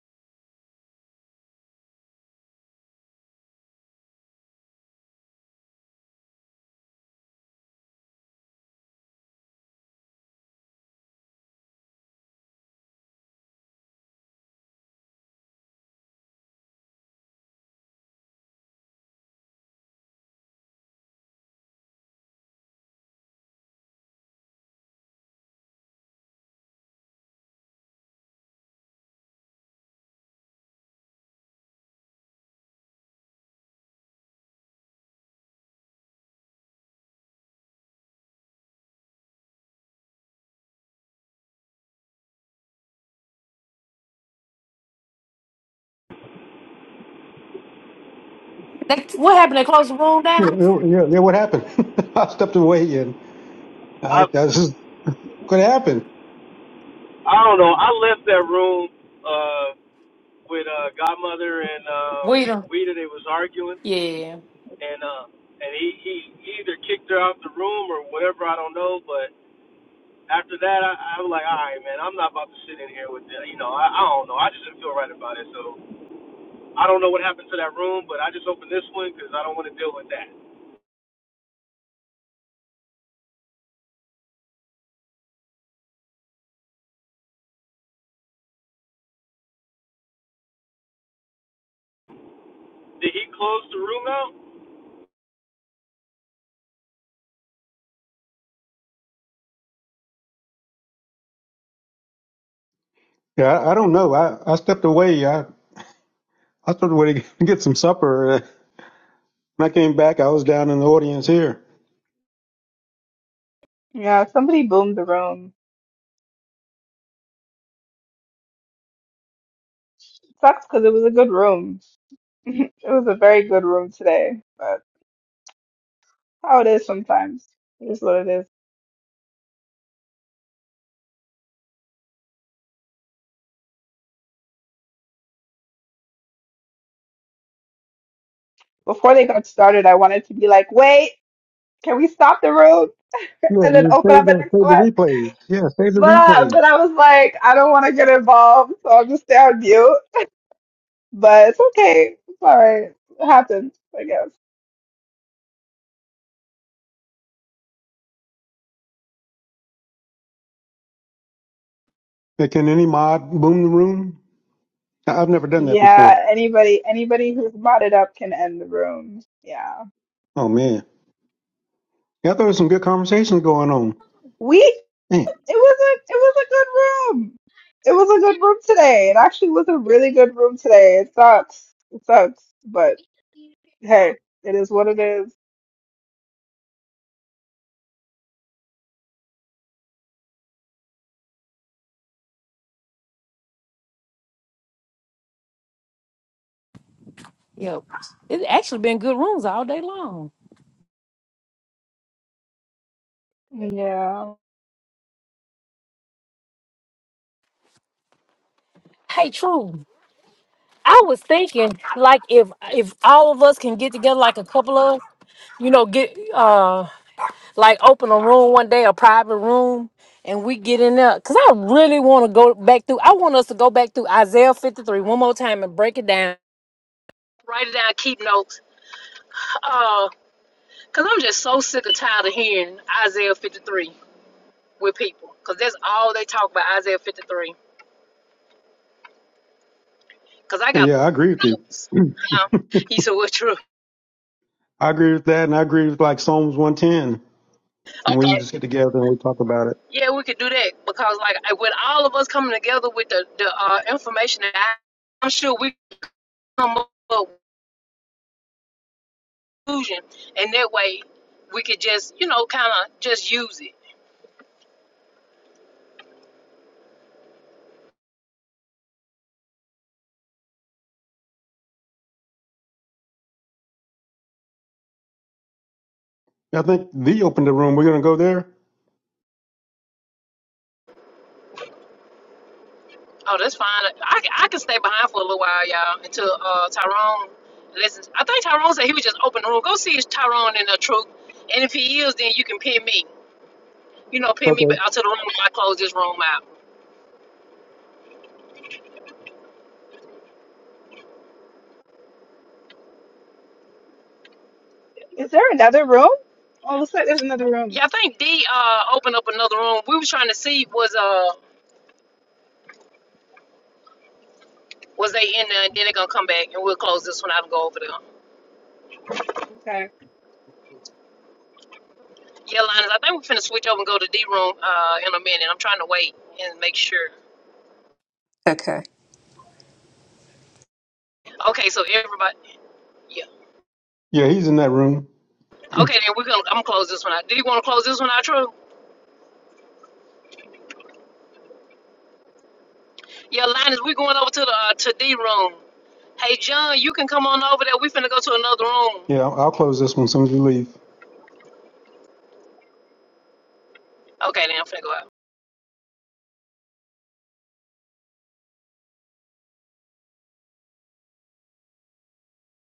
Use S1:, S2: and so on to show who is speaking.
S1: They, what happened? They closed the room
S2: Yeah,
S1: down?
S2: yeah, yeah, yeah, what happened? I stepped away and uh,
S3: I
S2: this is what happened.
S3: I don't know. I left that room uh with uh godmother and um
S1: We done.
S3: Weeda they was arguing
S1: Yeah.
S3: and uh and he, he he either kicked her out the room or whatever, I don't know, but after that I, I was like, All right man, I'm not about to sit in here with that you know, I, I don't know. I just didn't feel right about it, so I don't know what happened to that room, but I just opened this one because I don't want to deal with that. Did he close the room out?
S2: Yeah, I, I don't know. I, I stepped away. I, I stepped away to get some supper. Uh, When I came back, I was down in the audience here.
S4: Yeah, somebody boomed the room. Sucks because it was a good room. It was a very good room today, but how it is sometimes. It is what it is. Before they got started, I wanted to be like, wait, can we stop the room
S2: Yeah,
S4: and
S2: and
S4: then
S2: then
S4: open
S2: save
S4: up the
S2: the,
S4: next
S2: save the
S4: one?
S2: replays. Yeah, save the
S4: But uh,
S2: replays.
S4: but I was like, I don't want to get involved, so I'll just stay on mute. But it's okay. It's all right. It happens, I guess.
S2: Yeah, can any mod boom the room? I, I've never done that before.
S4: Yeah, anybody anybody who's modded up can end the room. Yeah.
S2: Oh, man. Yeah, I thought there was some good conversations going on.
S4: We.
S2: Man.
S4: It was a it was a good room. It was a good room today. It actually was a really good room today. It sucks. It sucks, but hey, it is what it is.
S1: Yep. It's actually been good rooms all day long.
S4: Yeah.
S1: Hey, True. I was thinking, like, if if all of us can get together, like a couple of, you know, get uh, like open a room one day, a private room, and we get in there, cause I really want to go back through. I want us to go back through Isaiah fifty three one more time and break it down. Write it down, keep notes. Uh, cause I'm just so sick and tired of hearing Isaiah fifty three. with people because that's all they talk about Isaiah 53. Because I got
S2: Yeah, I agree with you.
S1: notes. Huh? He said, "Well, true.
S2: I agree with that, and I agree with like Psalms 110. And we
S1: Okay,
S2: just get together and we talk about it.
S1: yeah, we could do that because like I- with all of us coming together with the the uh, information that I, I'm sure we come up with a conclusion, and that way we could just you know kind of just use it.
S2: I think the opened the room. We're gonna go there.
S1: Oh, that's fine. I, can- I can stay behind for a little while, y'all, until uh, Tyrone listens. I think Tyrone said he was just open the room. Go see if Tyrone in the truth, and if he is, then you can pin me. you know, pin me
S2: Okay.
S1: out to the room when I close this room out.
S4: Is there another room? Oh, looks like there's another room.
S1: Yeah, I think D uh opened up another room. We were trying to see was uh was they in there and then they're gonna come back and we'll close this one out and go over there.
S4: Okay.
S1: Yeah, Linus, I think we're finna switch over and go to D room uh in a minute. I'm trying to wait and make sure.
S5: Okay.
S1: Okay, so everybody yeah.
S2: Yeah, he's in that room.
S1: Okay then we're gonna I'm gonna close this one out. Do you wanna close this one out, True? Yeah, Linus, we're going over to the uh, to D room. Hey John, you can come on over there. We finna go to another room.
S2: Yeah, I'll, I'll close this one as soon as we leave.
S1: Okay, then I'm finna go out.